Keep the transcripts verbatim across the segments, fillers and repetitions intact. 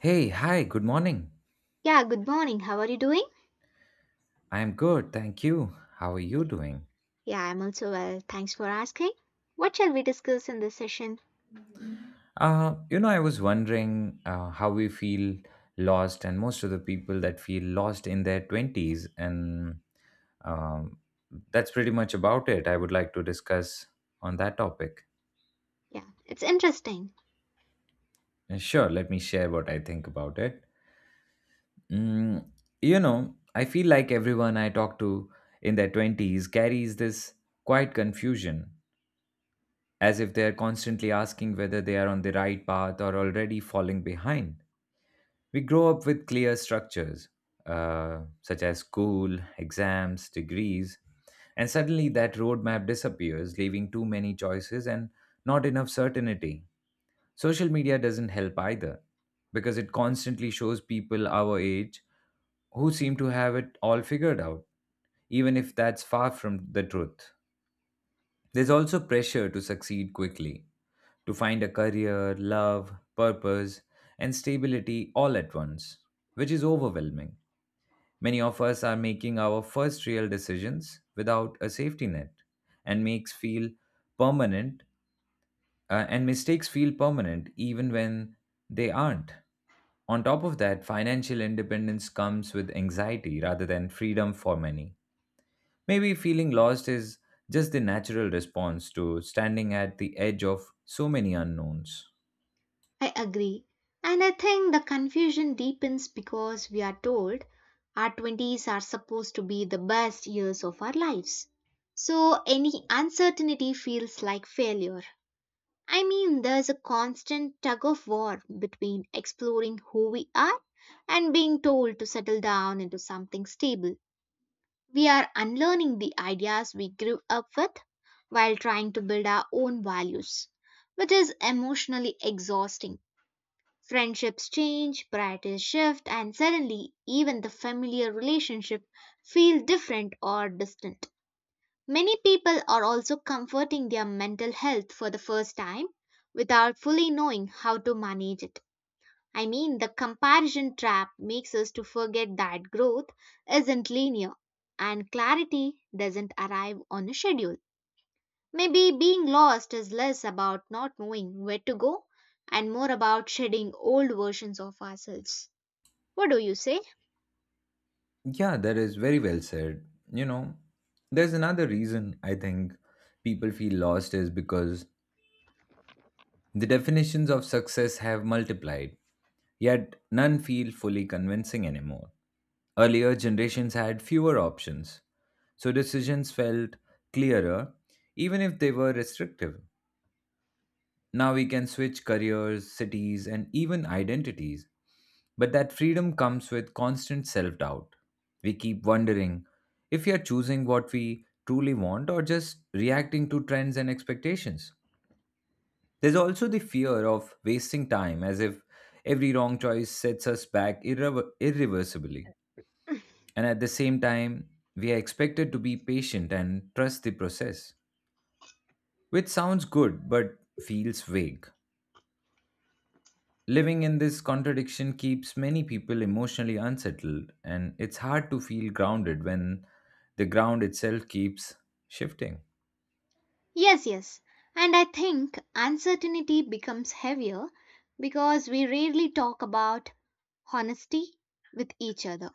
Hey, hi, good morning. Yeah, good morning. How are you doing? I'm good, thank you. How are you doing? Yeah, I'm also well. Thanks for asking. What shall we discuss in this session? Uh, you know, I was wondering uh, how we feel lost, and most of the people that feel lost in their twenties, and um, that's pretty much about it. I would like to discuss on that topic. Yeah, it's interesting. Uh, Sure, let me share what I think about it. Mm, you know, I feel like everyone I talk to in their twenties carries this quiet confusion, as if they are constantly asking whether they are on the right path or already falling behind. We grow up with clear structures, uh, such as school, exams, degrees, and suddenly that roadmap disappears, leaving too many choices and not enough certainty. Social media doesn't help either, because it constantly shows people our age who seem to have it all figured out, even if that's far from the truth. There's also pressure to succeed quickly, to find a career, love, purpose, and stability all at once, which is overwhelming. Many of us are making our first real decisions without a safety net, and makes feel permanent uh, and mistakes feel permanent even when they aren't. On top of that, financial independence comes with anxiety rather than freedom for many. Maybe feeling lost is just the natural response to standing at the edge of so many unknowns. I agree. And I think the confusion deepens because we are told our twenties are supposed to be the best years of our lives. So any uncertainty feels like failure. I mean, there's a constant tug of war between exploring who we are and being told to settle down into something stable. We are unlearning the ideas we grew up with while trying to build our own values, which is emotionally exhausting. Friendships change, priorities shift, and suddenly even the familiar relationship feel different or distant. Many people are also comforting their mental health for the first time without fully knowing how to manage it. I mean, the comparison trap makes us to forget that growth isn't linear and clarity doesn't arrive on a schedule. Maybe being lost is less about not knowing where to go and more about shedding old versions of ourselves. What do you say? Yeah, that is very well said. You know, there's another reason I think people feel lost is because the definitions of success have multiplied, yet none feel fully convincing anymore. Earlier generations had fewer options, so decisions felt clearer, even if they were restrictive. Now we can switch careers, cities, and even identities. But that freedom comes with constant self doubt. We keep wondering if we are choosing what we truly want or just reacting to trends and expectations. There's also the fear of wasting time, as if every wrong choice sets us back irrever- irreversibly. And at the same time, we are expected to be patient and trust the process, which sounds good but feels vague. Living in this contradiction keeps many people emotionally unsettled, and it's hard to feel grounded when the ground itself keeps shifting. Yes, yes. And I think uncertainty becomes heavier because we rarely talk about honesty with each other.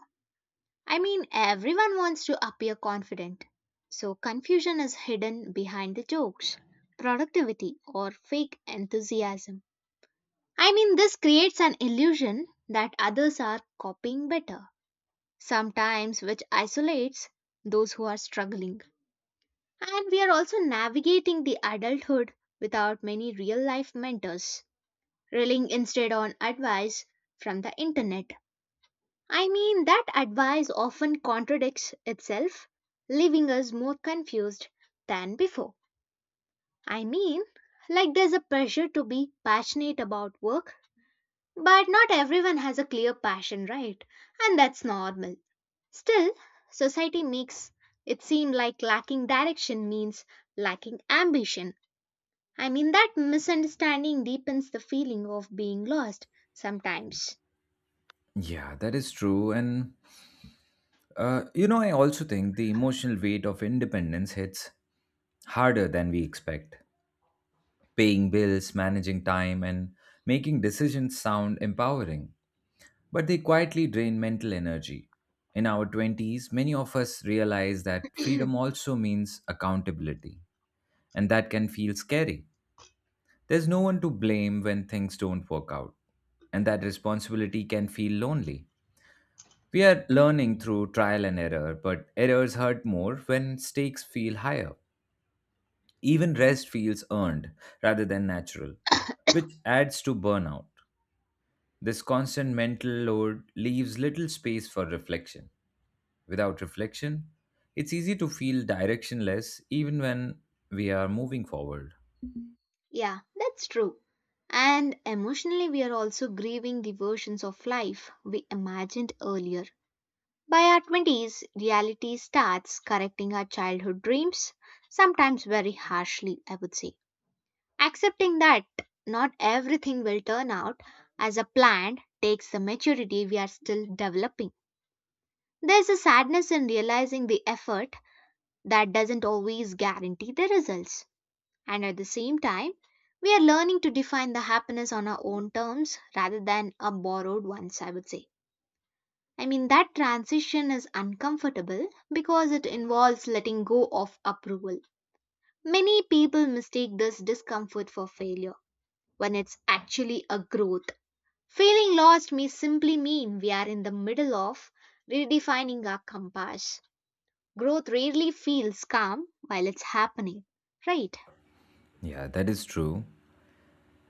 I mean, everyone wants to appear confident, so confusion is hidden behind the jokes, productivity, or fake enthusiasm. I mean, this creates an illusion that others are copying better, sometimes, which isolates those who are struggling. And we are also navigating the adulthood without many real life mentors, relying instead on advice from the internet. I mean, that advice often contradicts itself, leaving us more confused than before. I mean, like there's a pressure to be passionate about work, but not everyone has a clear passion, right? And that's normal. Still, society makes it seem like lacking direction means lacking ambition. I mean, that misunderstanding deepens the feeling of being lost sometimes. Yeah, that is true. And, uh, you know, I also think the emotional weight of independence hits harder than we expect. Paying bills, managing time, and making decisions sound empowering, but they quietly drain mental energy. In our twenties, many of us realize that freedom also means accountability, and that can feel scary. There's no one to blame when things don't work out, and that responsibility can feel lonely. We are learning through trial and error, but errors hurt more when stakes feel higher. Even rest feels earned rather than natural, which adds to burnout. This constant mental load leaves little space for reflection. Without reflection, it's easy to feel directionless even when we are moving forward. Yeah, that's true. And emotionally, we are also grieving the versions of life we imagined earlier. By our twenties, reality starts correcting our childhood dreams, sometimes very harshly, I would say. Accepting that not everything will turn out as a planned takes the maturity we are still developing. There's a sadness in realizing the effort that doesn't always guarantee the results. And at the same time, we are learning to define the happiness on our own terms rather than a borrowed ones, I would say. I mean, that transition is uncomfortable because it involves letting go of approval. Many people mistake this discomfort for failure when it's actually a growth. Feeling lost may simply mean we are in the middle of redefining our compass. Growth rarely feels calm while it's happening, right? Yeah, that is true.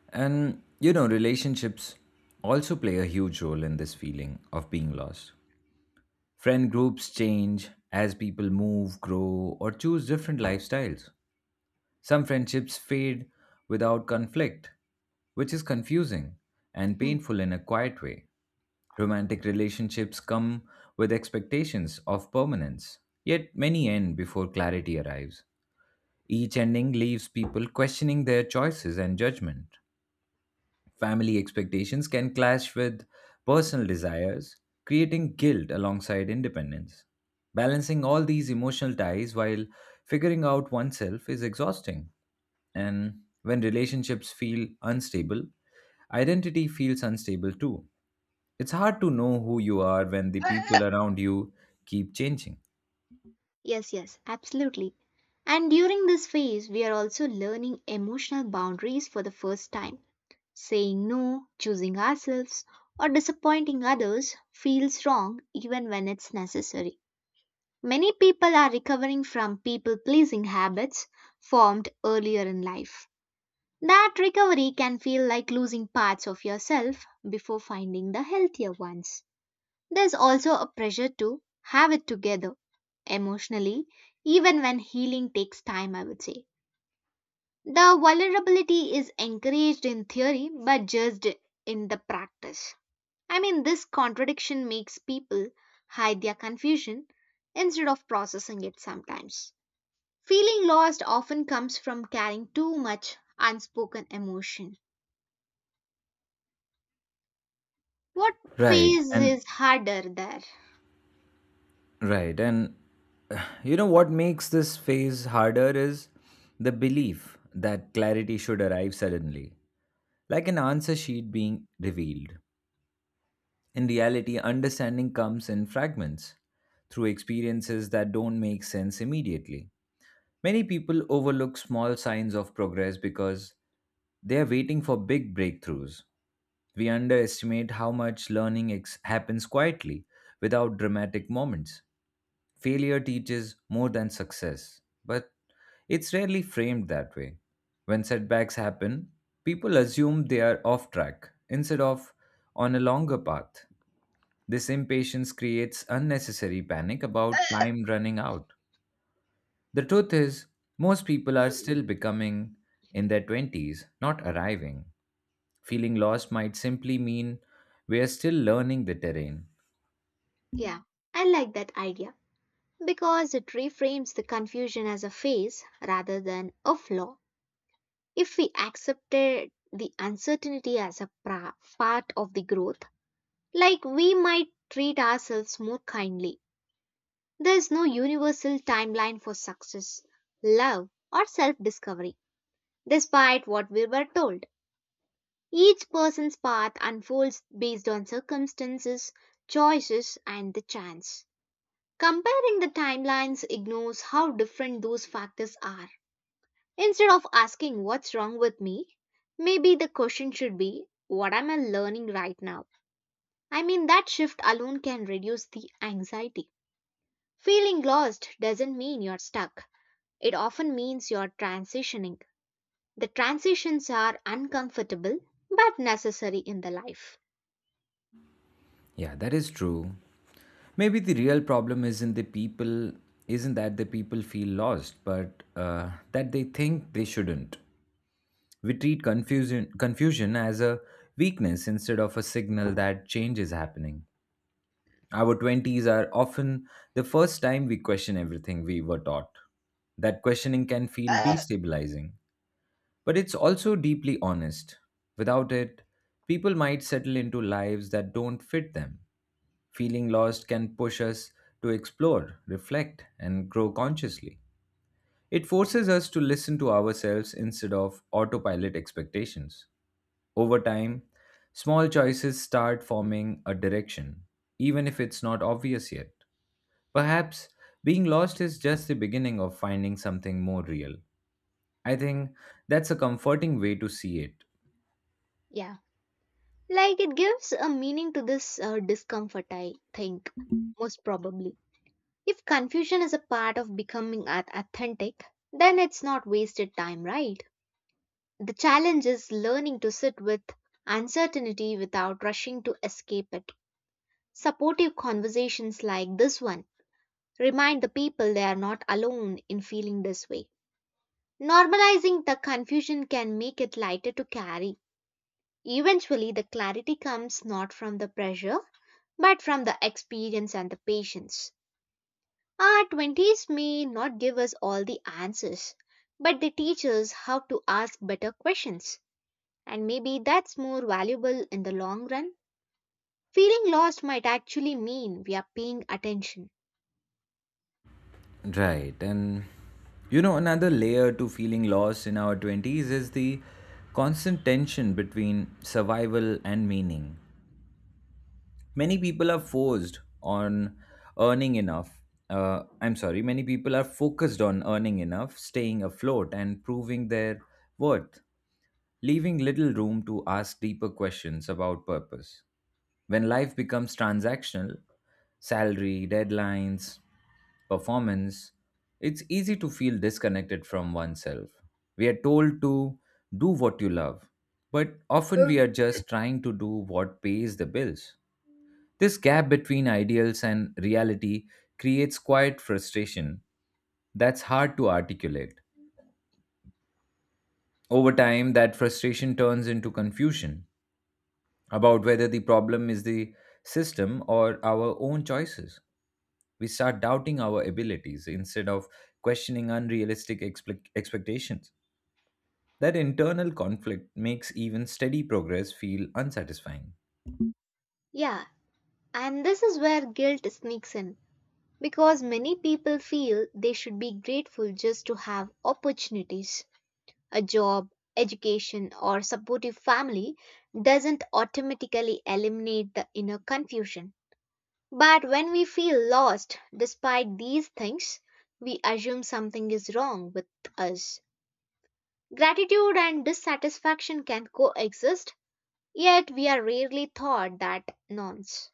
And you know, relationships also play a huge role in this feeling of being lost. Friend groups change as people move, grow, or choose different lifestyles. Some friendships fade without conflict, which is confusing and Hmm. painful in a quiet way. Romantic relationships come with expectations of permanence, yet many end before clarity arrives. Each ending leaves people questioning their choices and judgment. Family expectations can clash with personal desires, creating guilt alongside independence. Balancing all these emotional ties while figuring out oneself is exhausting. And when relationships feel unstable, identity feels unstable too. It's hard to know who you are when the people around you keep changing. Yes, yes, absolutely. And during this phase, we are also learning emotional boundaries for the first time. Saying no, choosing ourselves, or disappointing others feels wrong even when it's necessary. Many people are recovering from people pleasing habits formed earlier in life. That recovery can feel like losing parts of yourself before finding the healthier ones. There's also a pressure to have it together emotionally, even when healing takes time, I would say. The vulnerability is encouraged in theory but judged in the practice. I mean, this contradiction makes people hide their confusion instead of processing it sometimes. Feeling lost often comes from carrying too much unspoken emotion. What Right. phase And is harder there? right. And you know what makes this phase harder is the belief that clarity should arrive suddenly, like an answer sheet being revealed. In reality, understanding comes in fragments through experiences that don't make sense immediately. Many people overlook small signs of progress because they are waiting for big breakthroughs. We underestimate how much learning ex- happens quietly without dramatic moments. Failure teaches more than success, but it's rarely framed that way. When setbacks happen, people assume they are off track instead of on a longer path. This impatience creates unnecessary panic about time running out. The truth is, most people are still becoming in their twenties, not arriving. Feeling lost might simply mean we are still learning the terrain. Yeah, I like that idea, because it reframes the confusion as a phase rather than a flaw. If we accepted the uncertainty as a pra- part of the growth, like we might treat ourselves more kindly. There is no universal timeline for success, love, or self discovery, despite what we were told. Each person's path unfolds based on circumstances, choices, and the chance. Comparing the timelines ignores how different those factors are. Instead of asking what's wrong with me, maybe the question should be what am I learning right now? I mean, that shift alone can reduce the anxiety. Feeling lost doesn't mean you're stuck, it often means you're transitioning. The transitions are uncomfortable but necessary in the life. Yeah, that is true. Maybe the real problem isn't the people, isn't that the people feel lost, but uh, that they think they shouldn't. We treat confusion confusion as a weakness instead of a signal that change is happening. Our twenties are often the first time we question everything we were taught. That questioning can feel destabilizing, but it's also deeply honest. Without it, people might settle into lives that don't fit them. Feeling lost can push us to explore, reflect, and grow consciously. It forces us to listen to ourselves instead of autopilot expectations. Over time, small choices start forming a direction, even if it's not obvious yet. Perhaps being lost is just the beginning of finding something more real. I think that's a comforting way to see it. Yeah. Like it gives a meaning to this uh, discomfort, I think, most probably. If confusion is a part of becoming a- authentic, then it's not wasted time, right? The challenge is learning to sit with uncertainty without rushing to escape it. Supportive conversations like this one remind the people they are not alone in feeling this way. Normalizing the confusion can make it lighter to carry. Eventually, the clarity comes not from the pressure but from the experience and the patience. Our twenties may not give us all the answers, but they teach us how to ask better questions. And maybe that's more valuable in the long run. Feeling lost might actually mean we are paying attention. Right. And you know, another layer to feeling lost in our twenties is the constant tension between survival and meaning. Many people are forced on earning enough. Uh, I'm sorry, many people are focused on earning enough, staying afloat, and proving their worth, leaving little room to ask deeper questions about purpose. When life becomes transactional, salary, deadlines, performance, it's easy to feel disconnected from oneself. We are told to do what you love, but often we Oh. are just trying to do what pays the bills. This gap between ideals and reality creates quiet frustration that's hard to articulate. Over time, that frustration turns into confusion about whether the problem is the system or our own choices. We start doubting our abilities instead of questioning unrealistic expect- expectations. That internal conflict makes even steady progress feel unsatisfying. Yeah, and this is where guilt sneaks in because many people feel they should be grateful just to have opportunities. A job, education, or supportive family doesn't automatically eliminate the inner confusion. But when we feel lost despite these things, we assume something is wrong with us. Gratitude and dissatisfaction can coexist, yet we are rarely taught that nonce.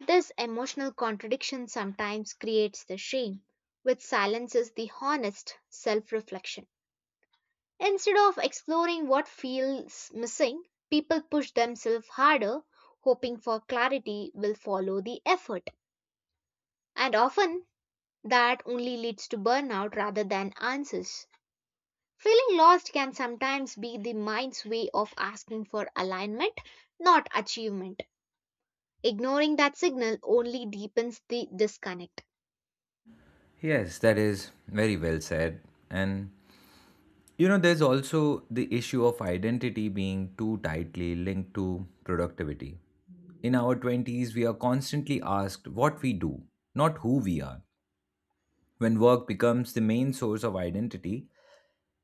This emotional contradiction sometimes creates the shame, which silences the honest self reflection. Instead of exploring what feels missing, people push themselves harder, hoping for clarity will follow the effort. And often, that only leads to burnout rather than answers. Feeling lost can sometimes be the mind's way of asking for alignment, not achievement. Ignoring that signal only deepens the disconnect. Yes, that is very well said. And you know, there's also the issue of identity being too tightly linked to productivity. In our twenties, we are constantly asked what we do, not who we are. When work becomes the main source of identity,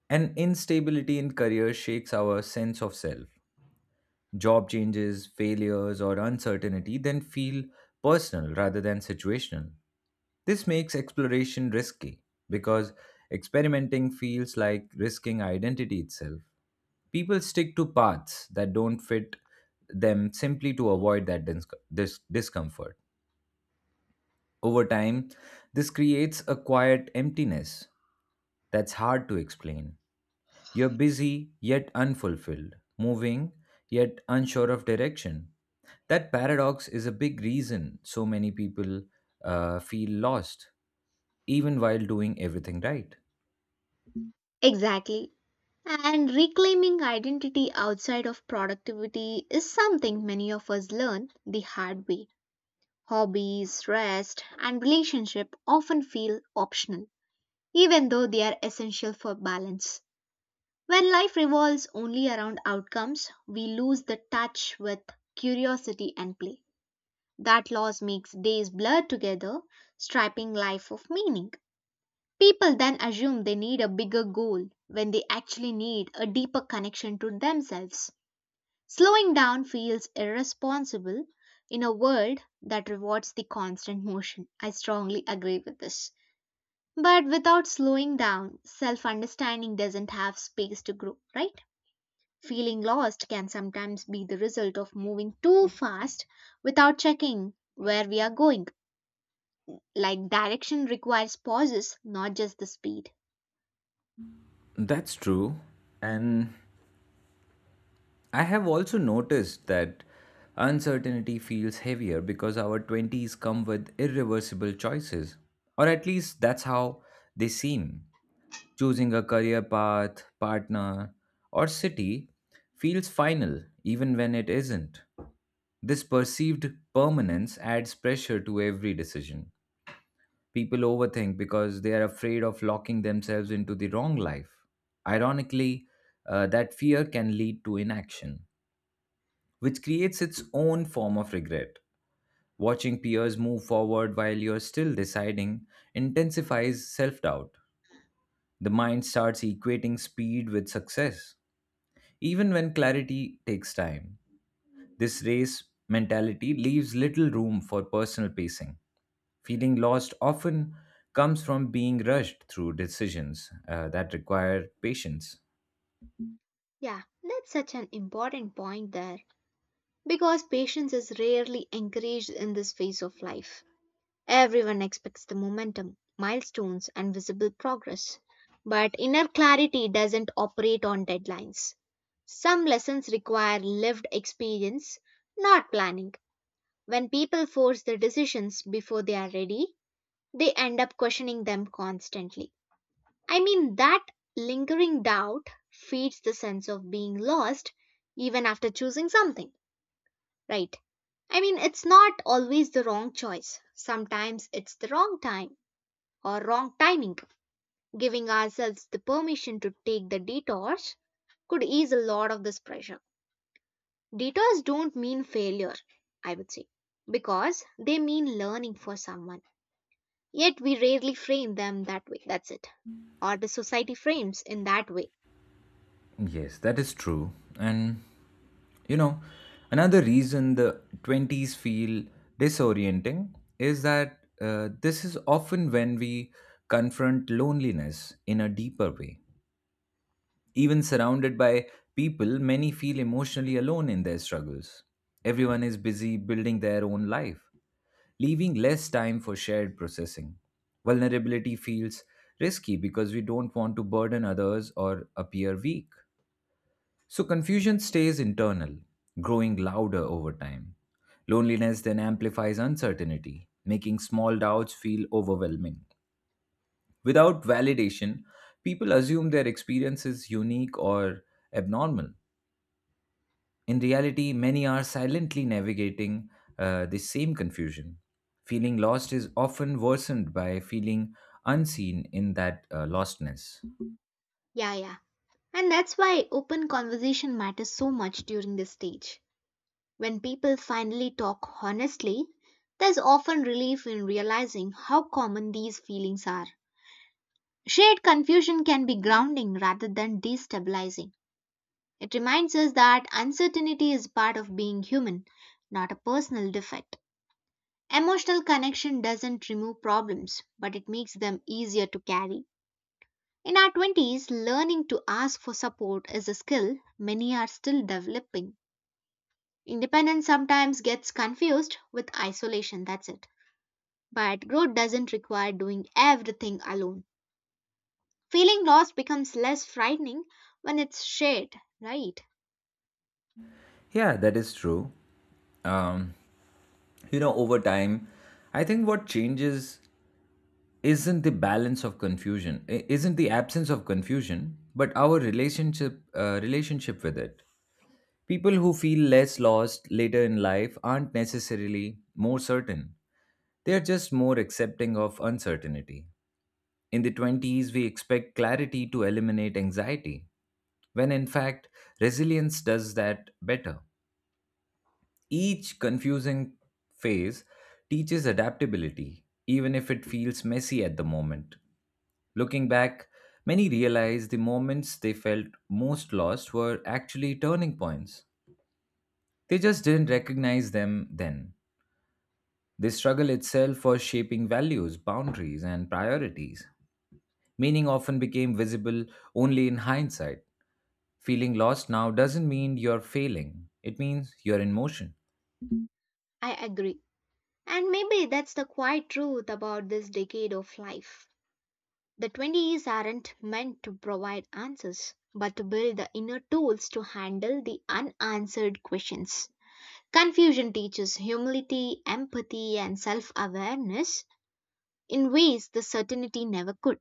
an instability in career shakes our sense of self. Job changes, failures, or uncertainty then feel personal rather than situational. This makes exploration risky because experimenting feels like risking identity itself. People stick to paths that don't fit them simply to avoid that dis- dis- discomfort. Over time, this creates a quiet emptiness that's hard to explain. You're busy yet unfulfilled, moving yet unsure of direction. That paradox is a big reason so many people uh, feel lost, even while doing everything right. Exactly. And reclaiming identity outside of productivity is something many of us learn the hard way. Hobbies, rest, and relationship often feel optional, even though they are essential for balance. When life revolves only around outcomes, we lose the touch with curiosity and play. That loss makes days blur together, stripping life of meaning. People then assume they need a bigger goal when they actually need a deeper connection to themselves. Slowing down feels irresponsible in a world that rewards the constant motion. I strongly agree with this. But without slowing down, self understanding doesn't have space to grow, right? Feeling lost can sometimes be the result of moving too fast without checking where we are going. Like direction requires pauses, not just the speed. That's true. And I have also noticed that uncertainty feels heavier because our twenties come with irreversible choices, or at least that's how they seem. Choosing a career path, partner, or city feels final even when it isn't. This perceived permanence adds pressure to every decision. People overthink because they are afraid of locking themselves into the wrong life. Ironically, uh, that fear can lead to inaction, which creates its own form of regret. Watching peers move forward while you're still deciding intensifies self doubt. The mind starts equating speed with success, even when clarity takes time. This race mentality leaves little room for personal pacing. Feeling lost often comes from being rushed through decisions uh, that require patience. Yeah, that's such an important point there because patience is rarely encouraged in this phase of life. Everyone expects the momentum, milestones, and visible progress, but inner clarity doesn't operate on deadlines. Some lessons require lived experience, not planning. When people force their decisions before they are ready, they end up questioning them constantly. I mean, that lingering doubt feeds the sense of being lost even after choosing something, right? I mean, it's not always the wrong choice. Sometimes it's the wrong time or wrong timing. Giving ourselves the permission to take the detours could ease a lot of this pressure. Detours don't mean failure, I would say, because they mean learning for someone. Yet we rarely frame them that way. That's it. Or the society frames in that way. Yes, that is true. And you know, another reason the twenties feel disorienting is that uh, this is often when we confront loneliness in a deeper way. Even surrounded by people, many feel emotionally alone in their struggles. Everyone is busy building their own life, leaving less time for shared processing. Vulnerability feels risky because we don't want to burden others or appear weak. So confusion stays internal, growing louder over time. Loneliness then amplifies uncertainty, making small doubts feel overwhelming. Without validation, people assume their experience is unique or abnormal. In reality, many are silently navigating uh, the same confusion. Feeling lost is often worsened by feeling unseen in that uh, lostness. Yeah, yeah. And that's why open conversation matters so much during this stage. When people finally talk honestly, there's often relief in realizing how common these feelings are. Shared confusion can be grounding rather than destabilizing. It reminds us that uncertainty is part of being human, not a personal defect. Emotional connection doesn't remove problems, but it makes them easier to carry. In our twenties, learning to ask for support is a skill many are still developing. Independence sometimes gets confused with isolation, that's it. But growth doesn't require doing everything alone. Feeling lost becomes less frightening when it's shared, right? Yeah, that is true. Um, you know, over time, I think what changes isn't the balance of confusion, i- isn't the absence of confusion, but our relationship uh, relationship with it. People who feel less lost later in life aren't necessarily more certain. They are just more accepting of uncertainty. In the twenties, we expect clarity to eliminate anxiety, when in fact, resilience does that better. Each confusing phase teaches adaptability, even if it feels messy at the moment. Looking back, many realize the moments they felt most lost were actually turning points. They just didn't recognize them then. This struggle itself was shaping values, boundaries, and priorities. Meaning often became visible only in hindsight. Feeling lost now doesn't mean you're failing, it means you're in motion. I agree. And maybe that's the quiet truth about this decade of life. The twenties aren't meant to provide answers, but to build the inner tools to handle the unanswered questions. Confusion teaches humility, empathy, and self awareness in ways the certainty never could.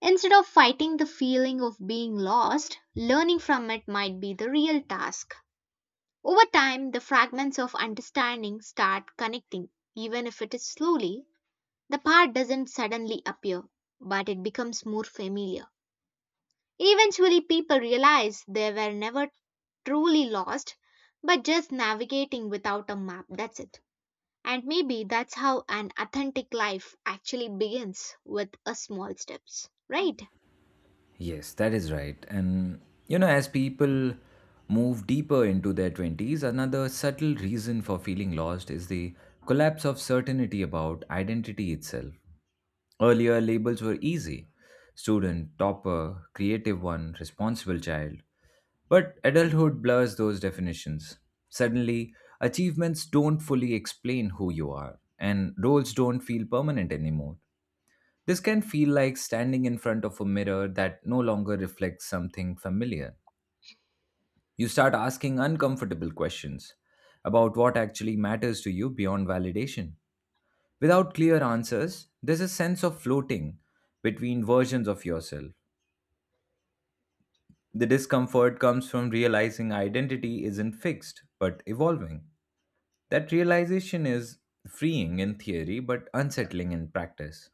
Instead of fighting the feeling of being lost, learning from it might be the real task. Over time, the fragments of understanding start connecting, even if it is slowly. The part doesn't suddenly appear, but it becomes more familiar. Eventually, people realized they were never truly lost, but just navigating without a map. That's it. And maybe that's how an authentic life actually begins with a small steps, right? Yes, that is right. And you know, as people move deeper into their twenties, another subtle reason for feeling lost is the collapse of certainty about identity itself. Earlier, labels were easy: student, topper, creative one, responsible child. But adulthood blurs those definitions. Suddenly, achievements don't fully explain who you are, and roles don't feel permanent anymore. This can feel like standing in front of a mirror that no longer reflects something familiar. You start asking uncomfortable questions about what actually matters to you beyond validation. Without clear answers, there's a sense of floating between versions of yourself. The discomfort comes from realizing identity isn't fixed, but evolving. That realization is freeing in theory, but unsettling in practice.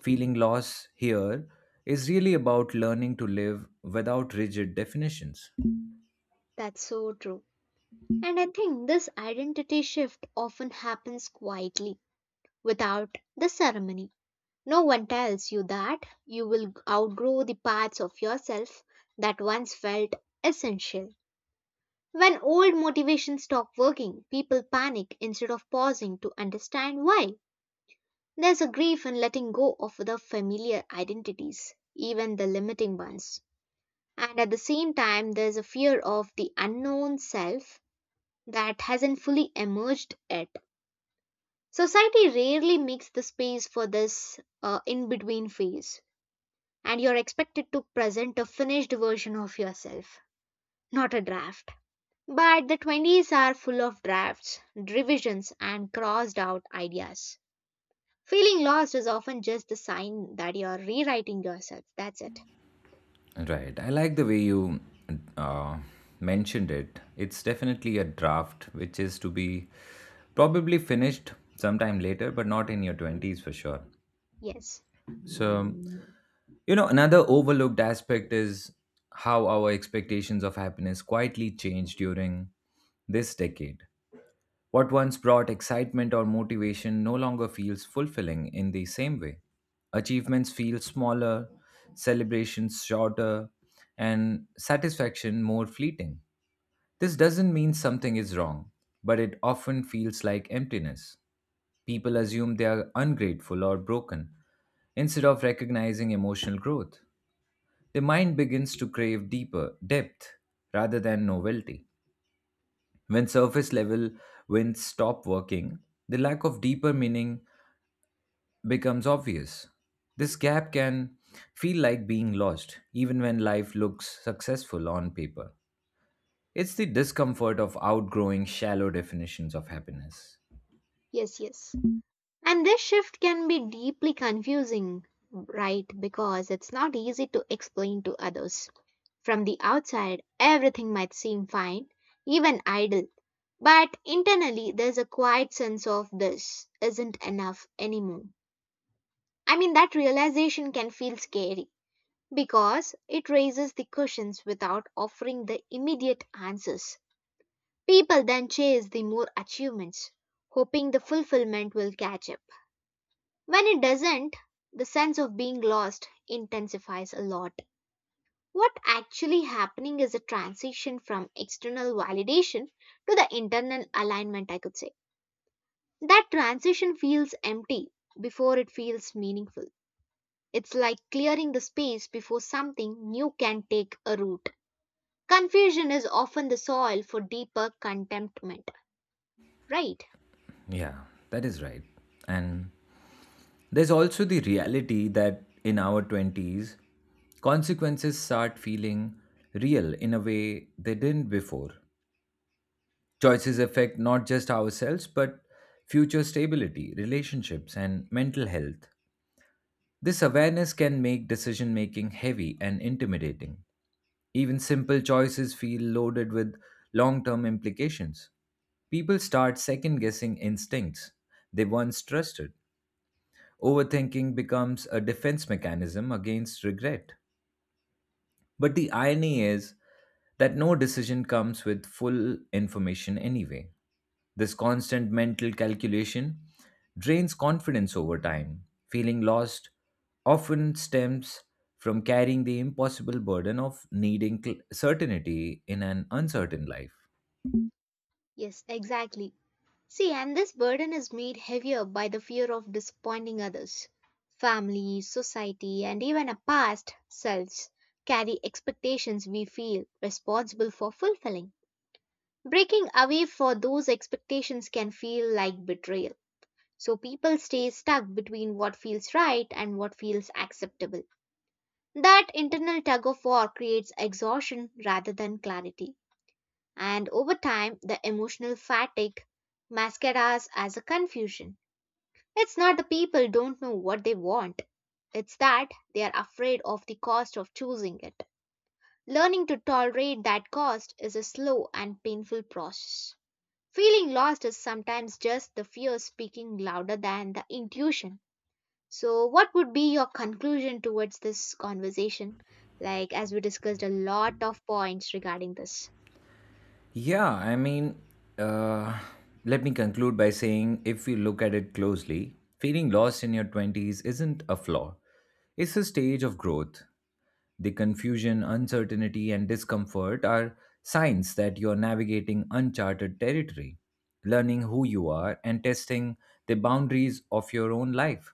Feeling loss here is really about learning to live without rigid definitions. That's so true. And I think this identity shift often happens quietly, without the ceremony. No one tells you that you will outgrow the parts of yourself that once felt essential. When old motivations stop working, people panic instead of pausing to understand why. There's a grief in letting go of the familiar identities, even the limiting ones. And at the same time, there's a fear of the unknown self that hasn't fully emerged yet. Society rarely makes the space for this uh, in between phase, and you're expected to present a finished version of yourself, not a draft. But the twenties are full of drafts, revisions, and crossed out ideas. Feeling lost is often just the sign that you're rewriting yourself. That's it. Right. I like the way you uh, mentioned it. It's definitely a draft, which is to be probably finished sometime later, but not in your twenties for sure. Yes, So, you know, another overlooked aspect is how our expectations of happiness quietly change during this decade. What once brought excitement or motivation no longer feels fulfilling in the same way. Achievements feel smaller, celebrations shorter, and satisfaction more fleeting. This doesn't mean something is wrong, but it often feels like emptiness. People assume they are ungrateful or broken instead of recognizing emotional growth. The mind begins to crave deeper depth rather than novelty. When surface level winds stop working, the lack of deeper meaning becomes obvious. This gap can feel like being lost, even when life looks successful on paper. It's the discomfort of outgrowing shallow definitions of happiness. yes, yes. And this shift can be deeply confusing, right? Because it's not easy to explain to others. From the outside, everything might seem fine, even idle. But internally, there's a quiet sense of this isn't enough anymore. I mean, that realization can feel scary because it raises the questions without offering the immediate answers. People then chase the more achievements, hoping the fulfillment will catch up. When it doesn't, the sense of being lost intensifies a lot. What actually happening is a transition from external validation to the internal alignment, I could say. That transition feels empty before it feels meaningful. It's like clearing the space before something new can take a root. Confusion is often the soil for deeper contentment, right? Yeah, that is right. And there's also the reality that in our twenties, consequences start feeling real in a way they didn't before. Choices affect not just ourselves, but future stability, relationships, and mental health. This awareness can make decision making heavy and intimidating. Even simple choices feel loaded with long term implications. People start second guessing instincts they once trusted. Overthinking becomes a defense mechanism against regret. But the irony is that no decision comes with full information anyway. This constant mental calculation drains confidence over time. Feeling lost often stems from carrying the impossible burden of needing cl- certainty in an uncertain life. Yes, exactly. See, and this burden is made heavier by the fear of disappointing others. Family, society, and even our past selves carry expectations we feel responsible for fulfilling. Breaking away for those expectations can feel like betrayal. So people stay stuck between what feels right and what feels acceptable. That internal tug of war creates exhaustion rather than clarity. And over time, the emotional fatigue mascaras as a confusion. It's not the people don't know what they want, it's that they are afraid of the cost of choosing it. Learning to tolerate that cost is a slow and painful process. Feeling lost is sometimes just the fear speaking louder than the intuition. So, what would be your conclusion towards this conversation? Like, as we discussed a lot of points regarding this. Yeah, I mean, uh, let me conclude by saying, if we look at it closely, feeling lost in your twenties isn't a flaw, it's a stage of growth. The confusion, uncertainty, and discomfort are signs that you're navigating uncharted territory, learning who you are, and testing the boundaries of your own life.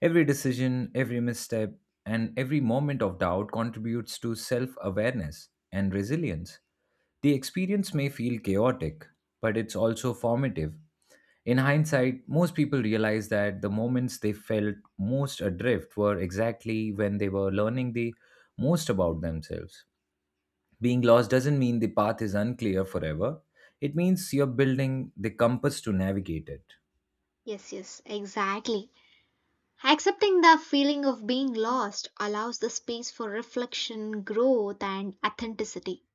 Every decision, every misstep, and every moment of doubt contributes to self awareness and resilience. The experience may feel chaotic, but it's also formative. In hindsight, most people realize that the moments they felt most adrift were exactly when they were learning the most about themselves. Being lost doesn't mean the path is unclear forever, it means you're building the compass to navigate it. Yes, yes, exactly. Accepting the feeling of being lost allows the space for reflection, growth, and authenticity.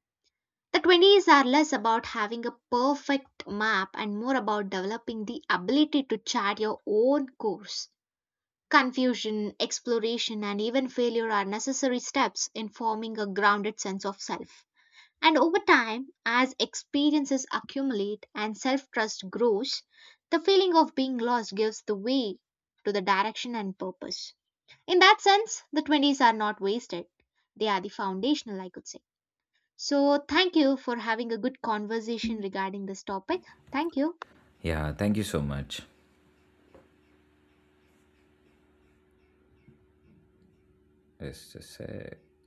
The twenties are less about having a perfect map and more about developing the ability to chart your own course. Confusion, exploration, and even failure are necessary steps in forming a grounded sense of self. And over time, as experiences accumulate and self trust grows, the feeling of being lost gives the way to the direction and purpose. In that sense, the twenties are not wasted, they are the foundational, I could say. So, thank you for having a good conversation regarding this topic. Thank you. Yeah, thank you so much. Yes, just, uh,